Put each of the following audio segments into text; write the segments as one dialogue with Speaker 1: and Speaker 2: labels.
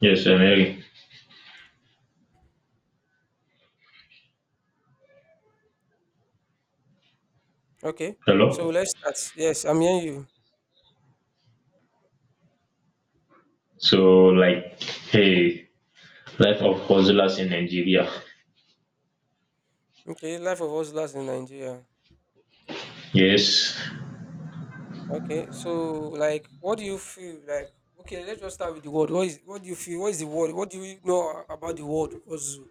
Speaker 1: Yes, I'm hearing.
Speaker 2: Okay. So
Speaker 1: Hello.
Speaker 2: let's start. Yes, I'm hearing you.
Speaker 1: So, like, hey, life of hustlers in Nigeria.
Speaker 2: Okay, life of hustlers in Nigeria.
Speaker 1: Yes,
Speaker 2: Okay, so like, what do you feel like? Okay, let's just start with the word. What do you feel? What is the word? What do you know about the word hustle?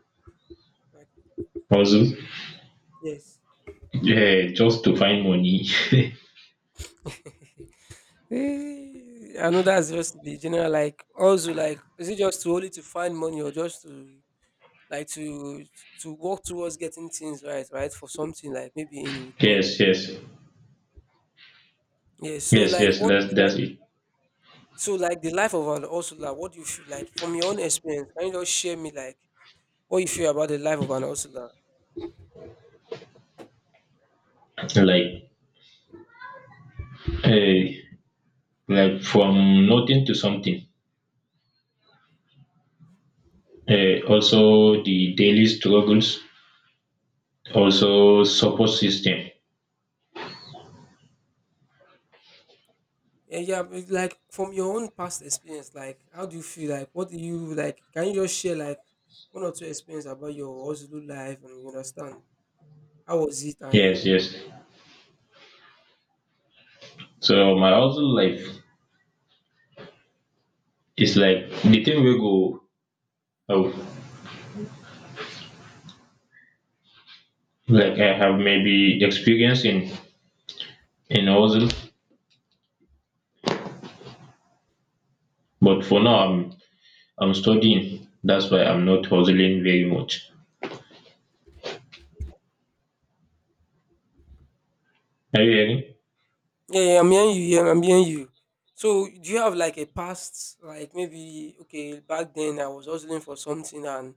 Speaker 2: Like,
Speaker 1: hustle.
Speaker 2: yes.
Speaker 1: Yeah, just to find money.
Speaker 2: I know that's just the general, like, also like is it just to only to find money or just to like to work towards getting things right for something like maybe in return.
Speaker 1: Yes, yes,
Speaker 2: Yeah, so
Speaker 1: yes,
Speaker 2: like
Speaker 1: yes.
Speaker 2: what do
Speaker 1: That's
Speaker 2: you...
Speaker 1: that's it.
Speaker 2: So like the life of an hustler, what do you feel like from your own experience? Can you just share me like what you feel about the life of an hustler?
Speaker 1: Like, hey, like from nothing to something. Also, the daily struggles. Also, support system.
Speaker 2: Yeah, yeah, but, like from your own past experience, like how do you feel like what do you like? Can you just share like one or two experience about your hustler life and you understand how was it
Speaker 1: Yes,
Speaker 2: and...
Speaker 1: yes. So my hustle life is like the thing we go. Oh, like I have maybe experience in hustle. But for now, I'm studying. That's why I'm not hustling very much. Are you hearing?
Speaker 2: Yeah, yeah, I'm hearing you, yeah, I'm hearing you. So do you have like a past like maybe okay back then I was hustling for something and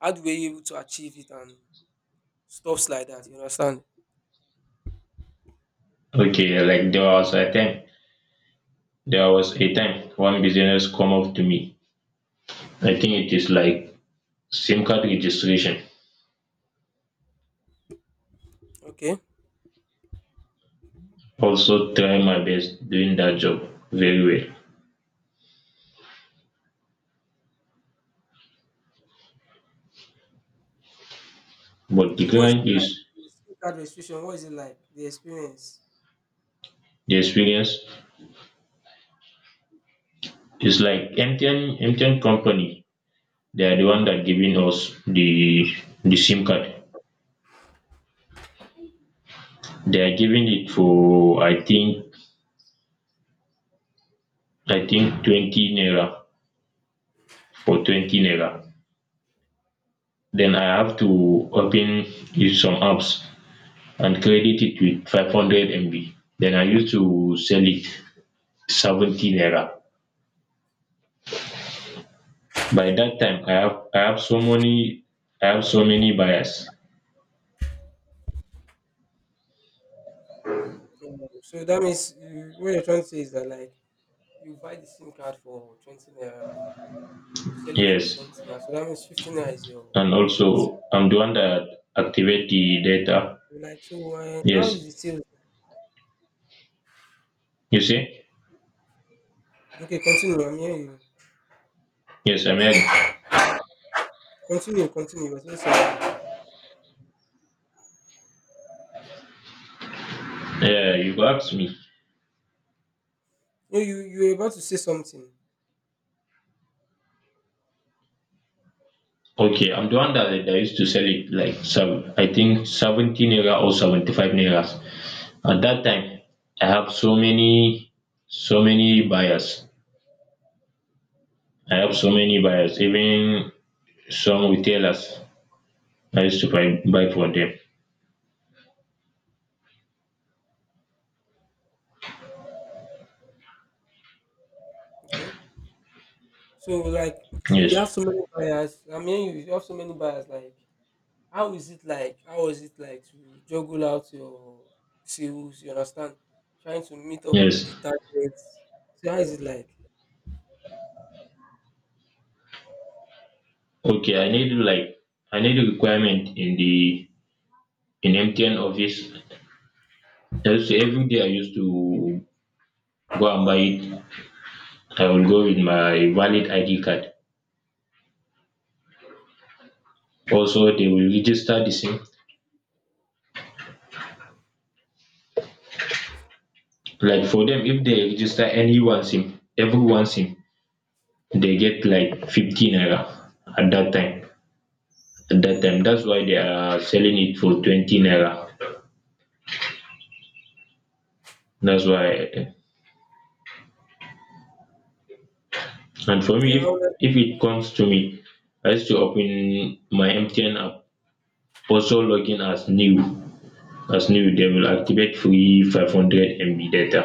Speaker 2: how do we able to achieve it and stuffs like that, you understand?
Speaker 1: Okay, yeah, like there was a time one business come up to me. I think it is like SIM card registration.
Speaker 2: Okay.
Speaker 1: Also try my best doing that job very well. But the
Speaker 2: So what is it
Speaker 1: client
Speaker 2: like?
Speaker 1: is
Speaker 2: The SIM card registration, what is it like? The experience.
Speaker 1: the experience is like MTN company. They are the one that giving us the SIM card. They are giving it for I think 20 naira for 20 naira. Then I have to open it some apps and credit it with 500 MB. Then I used to sell it 70 naira. By that time I have so many I have so many buyers.
Speaker 2: So that means you, what you're trying to say is that like you buy the SIM card for 20 naira and you sell it for
Speaker 1: Yes.
Speaker 2: 17 naira. So that means 15 naira is your
Speaker 1: And
Speaker 2: profit. So
Speaker 1: also I'm the one that activate the data.
Speaker 2: like, so how is
Speaker 1: Yes.
Speaker 2: the sales?
Speaker 1: You see?
Speaker 2: Okay, continue. I'm hearing you.
Speaker 1: Yes, I'm hearing.
Speaker 2: Continue, continue. You're saying something.
Speaker 1: Yeah, you go me.
Speaker 2: No, you were about to say something.
Speaker 1: Okay, I'm the one that used to sell it, like, so I think 70 naira or 75 nairas. At that time, I have so many, so many buyers. I have so many buyers, even some retailers. I used to buy from them.
Speaker 2: Okay. So like, so you have
Speaker 1: Yes,
Speaker 2: so many buyers. I mean, you have so many buyers, like how is it like? How was it like to juggle out your sales? You understand? Trying to meet up with
Speaker 1: yes.
Speaker 2: the targets. So how is it like?
Speaker 1: Okay, I need a requirement in the in MTN office. Every day I used to go and buy it. I will go with my valid ID card. Also, they will register the same. Like, for them, if they register any one sim every one sim, they get like 50 naira at that time at that time. That's why they are selling it for 20 naira. That's why. And for me,
Speaker 2: You
Speaker 1: if
Speaker 2: know,
Speaker 1: if it comes to me, I used to open my MTN app, also login as new. They will activate free 500 MB data,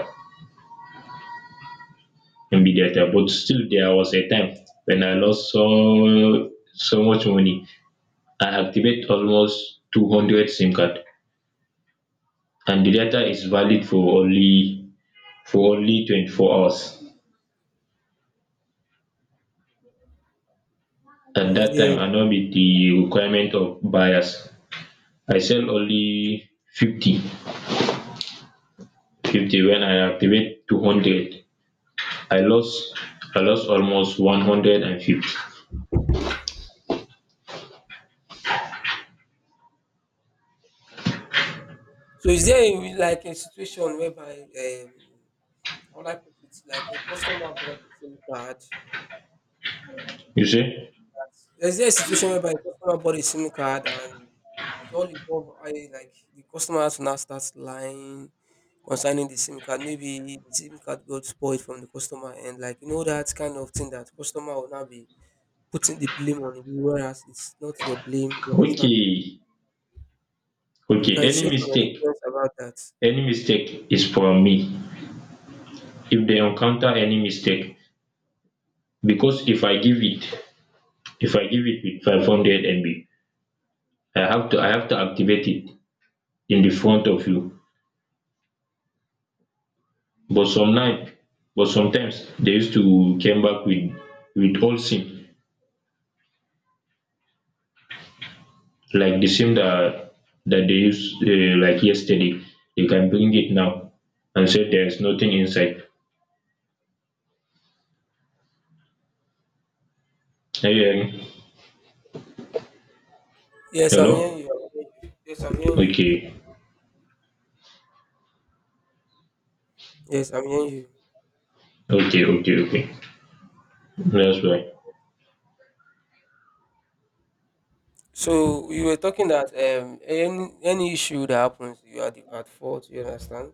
Speaker 1: but still there was a time when I lost so much money. I activate almost 200 SIM card and the data is valid for only 24 hours. At
Speaker 2: mm,
Speaker 1: that
Speaker 2: yes.
Speaker 1: time I know meet the requirement of buyers. I sell only 50 when I activate 200. I lost I lost almost 150.
Speaker 2: So is there a, like a situation whereby I would like it's like a customer bought the same card.
Speaker 1: You see?
Speaker 2: There's this situation whereby a customer bought a SIM card and it all involved I like the customer has to now start lying concerning the SIM card. Maybe the SIM card got spoiled from the customer and like you know that kind of thing that customer will now be putting the blame on you, whereas it's not your blame, you understand?
Speaker 1: Okay,
Speaker 2: You
Speaker 1: okay,
Speaker 2: can
Speaker 1: any
Speaker 2: share some
Speaker 1: mistake
Speaker 2: experience about that.
Speaker 1: any mistake is from me. If they encounter any mistake, because if I give it with 500 MB, I have to activate it in the front of you. But sometimes they used to came back with old sim, like the sim that they used, like yesterday. They can bring it now and say there's nothing inside. Are you hearing?
Speaker 2: Yes, I'm hearing
Speaker 1: Hello.
Speaker 2: you. I'm hearing you. Yes, I'm hearing you.
Speaker 1: Okay,
Speaker 2: Yes, I'm hearing you.
Speaker 1: okay, okay, okay. That's why.
Speaker 2: So you were talking that any issue that happens, you are the, at fault. You understand?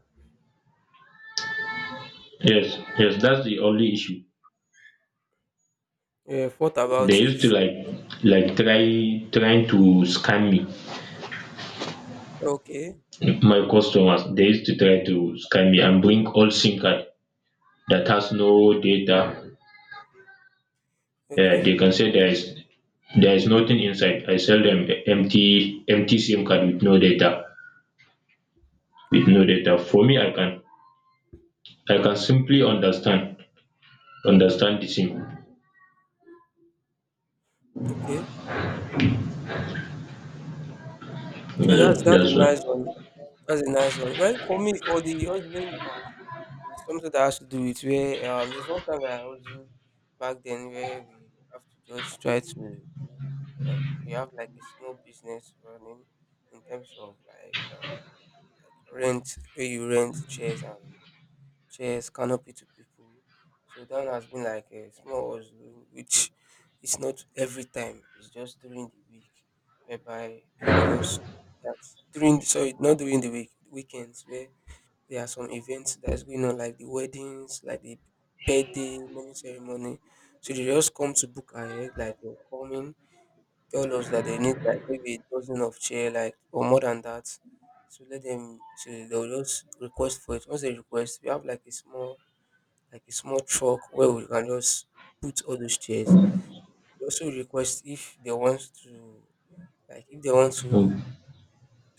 Speaker 1: Yes, yes, that's the only issue.
Speaker 2: Yeah, thought
Speaker 1: They
Speaker 2: about
Speaker 1: used to,
Speaker 2: it.
Speaker 1: like, trying to scam me.
Speaker 2: Okay,
Speaker 1: My customers, they used to try to scam me and bring old SIM card that has no data. Uh,
Speaker 2: okay,
Speaker 1: they can say there is nothing inside. I sell them the empty SIM card with no data. With no data. For me, I can simply understand the SIM.
Speaker 2: okay. So
Speaker 1: Uh,
Speaker 2: that's
Speaker 1: that's
Speaker 2: a
Speaker 1: why.
Speaker 2: nice one. That's a nice one. Well, for me, for the hustling part, it's something that has to do with where there's one time that I hustled back then where we have to just try to um, we have like a small business running in terms of like rent where you rent chairs and chairs, canopy to people. So that one has been like a small hustling, which it's not every time. It's just during the week, whereby people just that during the, sorry not during the week, weekends where there are some events that's going on like the weddings, like the birthday, naming ceremony. So they just come to book ahead, like they're coming, tell us that they need like maybe a dozen of chair, like or more than that. So let them. So they'll just request for it. Once they request, we have like a small, like a small truck where we can just put all those chairs. We also request if they want to like if they want to
Speaker 1: Um,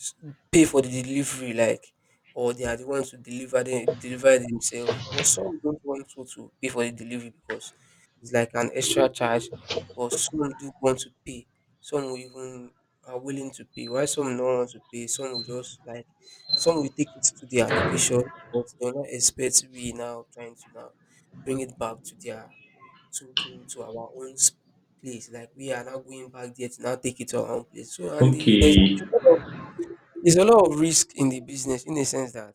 Speaker 2: s- pay for the delivery like or they are the ones to deliver them, deliver themselves, but some don't want you to pay for the delivery because it's like an extra charge, but some do want to pay, some will even are willing to pay while some don't want to pay, some will just like some will take it to their location but they're not expect we now trying to now bring it back to their to to our own place. Like we are now going back there to now take it to our own place. So and the, there's a
Speaker 1: okay.
Speaker 2: lot of, there's a lot of risk in the business in the sense that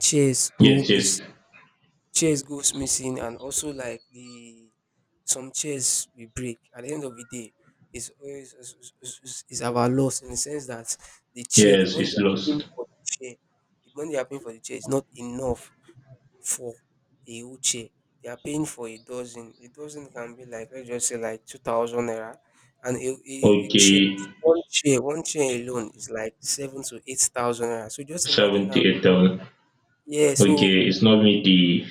Speaker 2: chairs go
Speaker 1: Yes, yes,
Speaker 2: miss, chairs goes missing and also like the some chairs we break at the end of the day is always is our loss in the sense that the chair the
Speaker 1: yes.
Speaker 2: money
Speaker 1: It's
Speaker 2: they are paying
Speaker 1: lost.
Speaker 2: for the chair, the money they are paying for the chair is not enough for a wheelchair. They are paying for a dozen. A dozen can be like let's just say like 2,000 naira, and a chair,
Speaker 1: Okay,
Speaker 2: one chair alone is like 7 to 8 thousand naira. So just imagine now.
Speaker 1: 78,000.
Speaker 2: Yeah.
Speaker 1: Okay,
Speaker 2: So
Speaker 1: it's not me the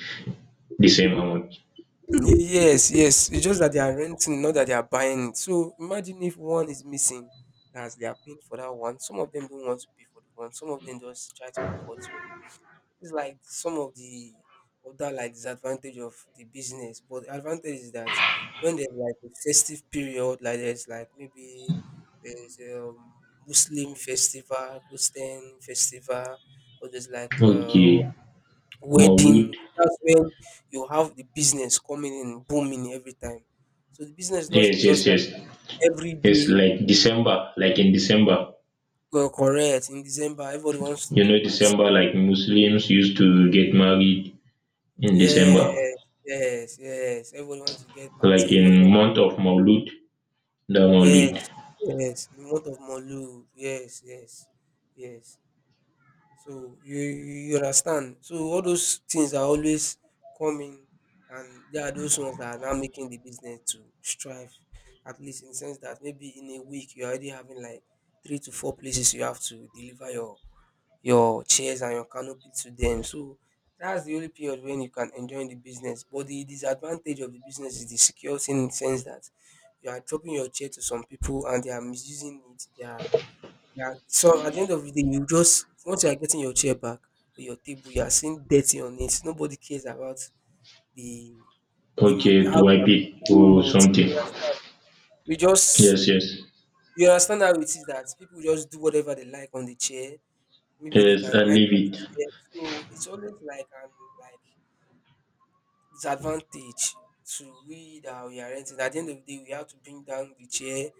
Speaker 1: same amount.
Speaker 2: yes, yes. It's just that they are renting, not that they are buying it. So imagine if one is missing, as they are paying for that one. Some of them don't want to pay for the one. Some of them just try to avoid. So it's like some of the other like disadvantage of the business. But the advantage is that when there's like a festive period, like there's like maybe there's Muslim festival, Christian festival, or there's like
Speaker 1: Okay, Maulud.
Speaker 2: wedding. That's when you have the business coming in booming every time. So the business is not
Speaker 1: Yes, yes,
Speaker 2: just like
Speaker 1: yes.
Speaker 2: every
Speaker 1: Yes,
Speaker 2: day.
Speaker 1: like in December.
Speaker 2: Correct, in December, everybody wants to
Speaker 1: You
Speaker 2: do
Speaker 1: know,
Speaker 2: party.
Speaker 1: December, like Muslims used to get married in December,
Speaker 2: Yes, yes, yes. Everybody wants to get
Speaker 1: like
Speaker 2: party, everybody...
Speaker 1: in month of Maulud, the
Speaker 2: Yes,
Speaker 1: Maulud.
Speaker 2: yes, in month of Maulud. Yes, yes, yes. So you understand. So all those things are always coming, and there are those ones that are now making the business to strive, at least in the sense that maybe in a week you're already having like three to four places you have to deliver your chairs and your canopy to them. So that's the only period when you can enjoy the business. But the disadvantage of the business is the security in the sense that you are dropping your chair to some people and they are misusing it. They are so at the end of the day, you just once you are getting your chair back or your table, you are seeing dirty on it. Nobody cares about the the
Speaker 1: Okay,
Speaker 2: how they
Speaker 1: to wipe
Speaker 2: are
Speaker 1: it or
Speaker 2: doing it.
Speaker 1: something.
Speaker 2: You understand? We just
Speaker 1: Yes, yes,
Speaker 2: you understand how it is that people just do whatever they like on the chair, maybe they
Speaker 1: yes.
Speaker 2: can
Speaker 1: I
Speaker 2: write
Speaker 1: leave
Speaker 2: on it.
Speaker 1: it.
Speaker 2: Yeah, so it's always like an like disadvantage to we that we are renting. At the end of the day, we have to bring down the chair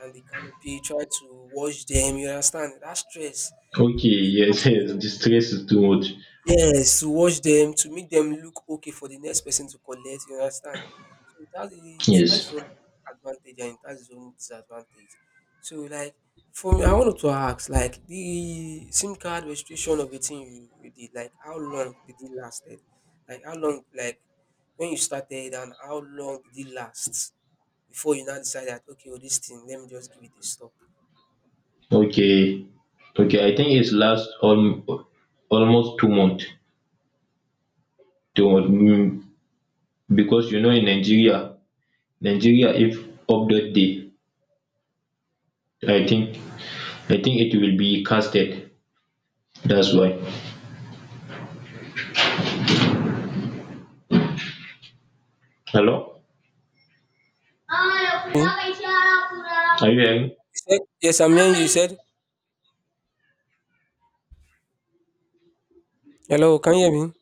Speaker 2: and the canopy, try to wash them. You understand that stress.
Speaker 1: Okay, yes, yes. The stress is too much.
Speaker 2: Yes, to watch them, to make them look okay for the next person to collect, you understand? So it has, it has
Speaker 1: Yes.
Speaker 2: its own advantage and it has its own disadvantage. So like for me, I wanted to ask, like the SIM card registration of the thing you, you did, like how long did it lasted? Like how long like when you started and how long did it last before you now decide that okay, oh, this thing, let me just give it a stop.
Speaker 1: Okay, okay. I think it's last, almost 2 months. 2 months. Because, in Nigeria, if update day, I think I think it will be casted. That's why. Hello? Are
Speaker 2: Me? You
Speaker 1: you hearing me?
Speaker 2: said yes, I'm hearing you. You said hello, can you hear me?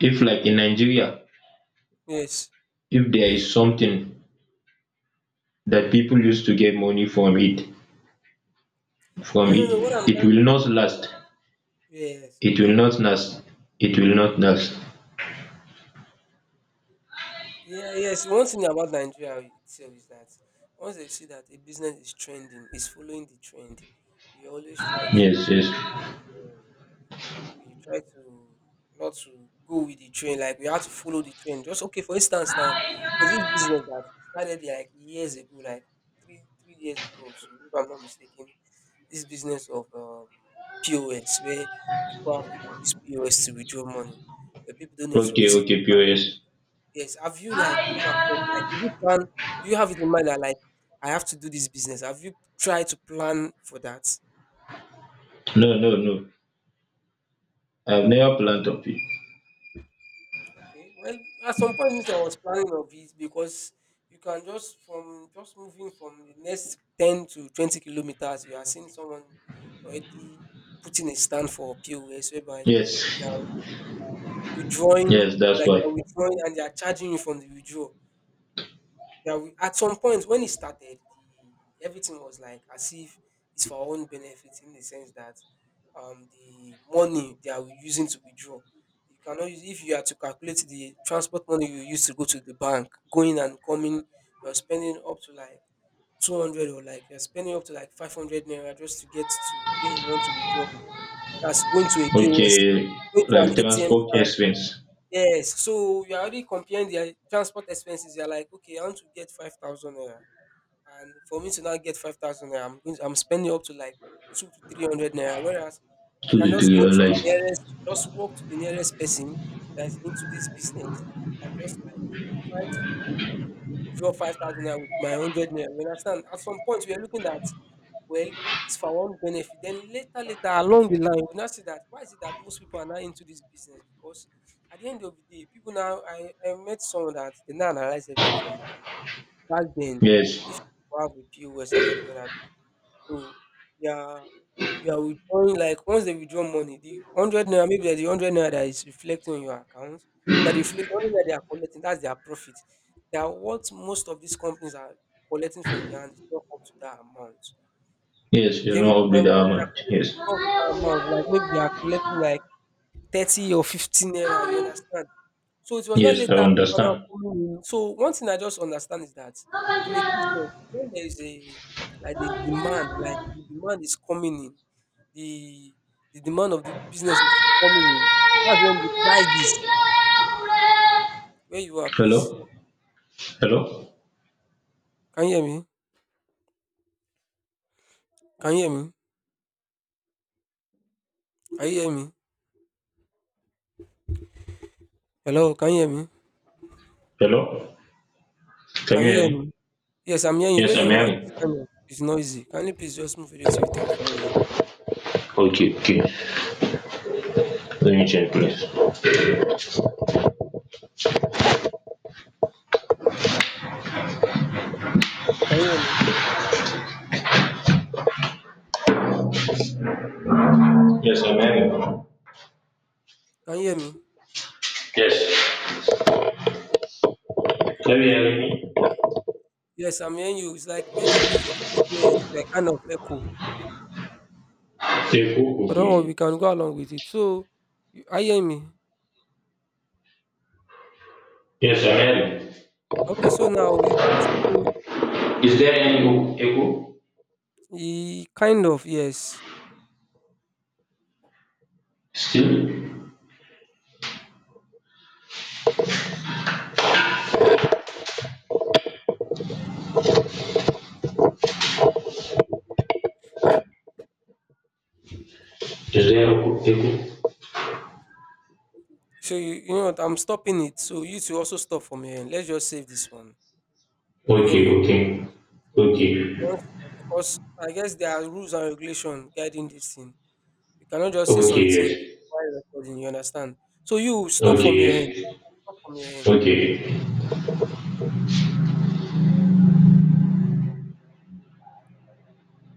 Speaker 1: If, like, in Nigeria,
Speaker 2: Yes.
Speaker 1: if there is something that people used to get money from it, from
Speaker 2: No, no,
Speaker 1: it,
Speaker 2: no. What I'm
Speaker 1: it
Speaker 2: trying...
Speaker 1: will not last.
Speaker 2: Yes,
Speaker 1: It will
Speaker 2: okay,
Speaker 1: not last. It will not
Speaker 2: okay.
Speaker 1: last.
Speaker 2: Yeah, yes. One thing about Nigeria itself is that once they see that a business is trending, is following the trend, we always try to
Speaker 1: Yes, yes.
Speaker 2: uh, we try to not to go with the trend. Like we have to follow the trend. Just okay. For instance, now there's this business that started like years ago, like three years ago. So if I'm not mistaken, this business of POS where people have to use POS to withdraw money, where people don't need to
Speaker 1: Okay,
Speaker 2: visit...
Speaker 1: okay, POS.
Speaker 2: Yes. Have you like come across like did you plan, do you have it in mind that like I have to do this business? Have you tried to plan for that?
Speaker 1: No, no, no. I've never planned of it.
Speaker 2: Okay. Well, at some point means I was planning of it because you can just from just moving from the next 10 to 20 kilometers, you are seeing someone already putting a stand for POS whereby
Speaker 1: Yes,
Speaker 2: they are withdrawing
Speaker 1: yes, that's
Speaker 2: like they are
Speaker 1: why.
Speaker 2: withdrawing and they are charging you from the withdrawal. Yeah, we, at some point when it started, the everything was like as if it's for our own benefit in the sense that the money they are using to withdraw. You cannot use if you are to calculate the transport money you use to go to the bank, going and coming, you're spending up to like 200 or like you're spending up to like 500 naira just to get to where you want to withdraw. That's going to a POS,
Speaker 1: Okay,
Speaker 2: going to an
Speaker 1: like,
Speaker 2: ATM
Speaker 1: transport
Speaker 2: stand.
Speaker 1: expense,
Speaker 2: Yes, so you're already comparing their transport expenses. You're like, okay, I want to get 5,000 naira and for me to now get 5,000 naira, I'm going to, I'm spending up to like two to three hundred naira. Whereas I
Speaker 1: two
Speaker 2: can
Speaker 1: to
Speaker 2: just
Speaker 1: three
Speaker 2: go
Speaker 1: or
Speaker 2: to the
Speaker 1: less.
Speaker 2: nearest, just walk to the nearest person that's into this business and just like try to withdraw 5,000 naira with my 100 naira. You understand? At some point, we are looking at, well, it's for one benefit. Then later, later along the line, we now see that why is it that most people are now into this business? Because at the end of the day, people now I met someone that they now analyze everything for me. Back then,
Speaker 1: Yes,
Speaker 2: if you have a POS and every other, so they are you are withdrawing like once they withdraw money, the 100 naira, maybe there's the 100 naira that is reflecting on your account, that reflect 100 naira they are collecting, that's their profit. That what most of these companies are collecting from their hand is not up to that amount.
Speaker 1: yes, it's
Speaker 2: You get me?
Speaker 1: not up with
Speaker 2: And
Speaker 1: how
Speaker 2: what they are
Speaker 1: much.
Speaker 2: collecting
Speaker 1: Yes,
Speaker 2: is not up to that amount. Like maybe they are collecting like 30 or 15 naira. You understand? So it was not
Speaker 1: yes, I
Speaker 2: later people are now
Speaker 1: understand.
Speaker 2: coming in. So one thing I just understand is that in a business, when there is a like the demand is coming in, the the demand of the business is coming in. That's when the prices. Where you are, please.
Speaker 1: Hello, hello,
Speaker 2: Can you hear me? Can you hear me? Can you hear me? Hello, can you hear me?
Speaker 1: hello. Can
Speaker 2: Can
Speaker 1: you
Speaker 2: you
Speaker 1: hear
Speaker 2: hear
Speaker 1: me?
Speaker 2: me? Yes, I'm hearing you. Where
Speaker 1: Yes, I'm
Speaker 2: you are,
Speaker 1: hearing.
Speaker 2: it's kind of it's noisy. Can you please just move a little bit away from here?
Speaker 1: Okay, okay. Let me check, please.
Speaker 2: So can you hear me?
Speaker 1: Yes, I'm hearing.
Speaker 2: Can you hear me?
Speaker 1: Yes. Can you? Very early.
Speaker 2: Yes, I'm hearing you. It's like where that place is, the place where it's like kind of echo.
Speaker 1: Seku
Speaker 2: But
Speaker 1: Kukui.
Speaker 2: don't worry, we can go along with it. So, you hearing me?
Speaker 1: Yes, I'm hearing.
Speaker 2: Okay, so now it so
Speaker 1: Is there any echo
Speaker 2: e kind of yes.
Speaker 1: still? Is there echo? Echo?
Speaker 2: So you know what I'm stopping it. So you two also stop from your end. Let's just save this one. You get
Speaker 1: Okay,
Speaker 2: me?
Speaker 1: okay.
Speaker 2: So
Speaker 1: Okay.
Speaker 2: once because I guess there are rules and regulation guiding this thing. You cannot just say
Speaker 1: Okay, yes.
Speaker 2: something while recording, you understand? So you stop
Speaker 1: Okay,
Speaker 2: from your end.
Speaker 1: yes.
Speaker 2: Stop from your end.
Speaker 1: Okay.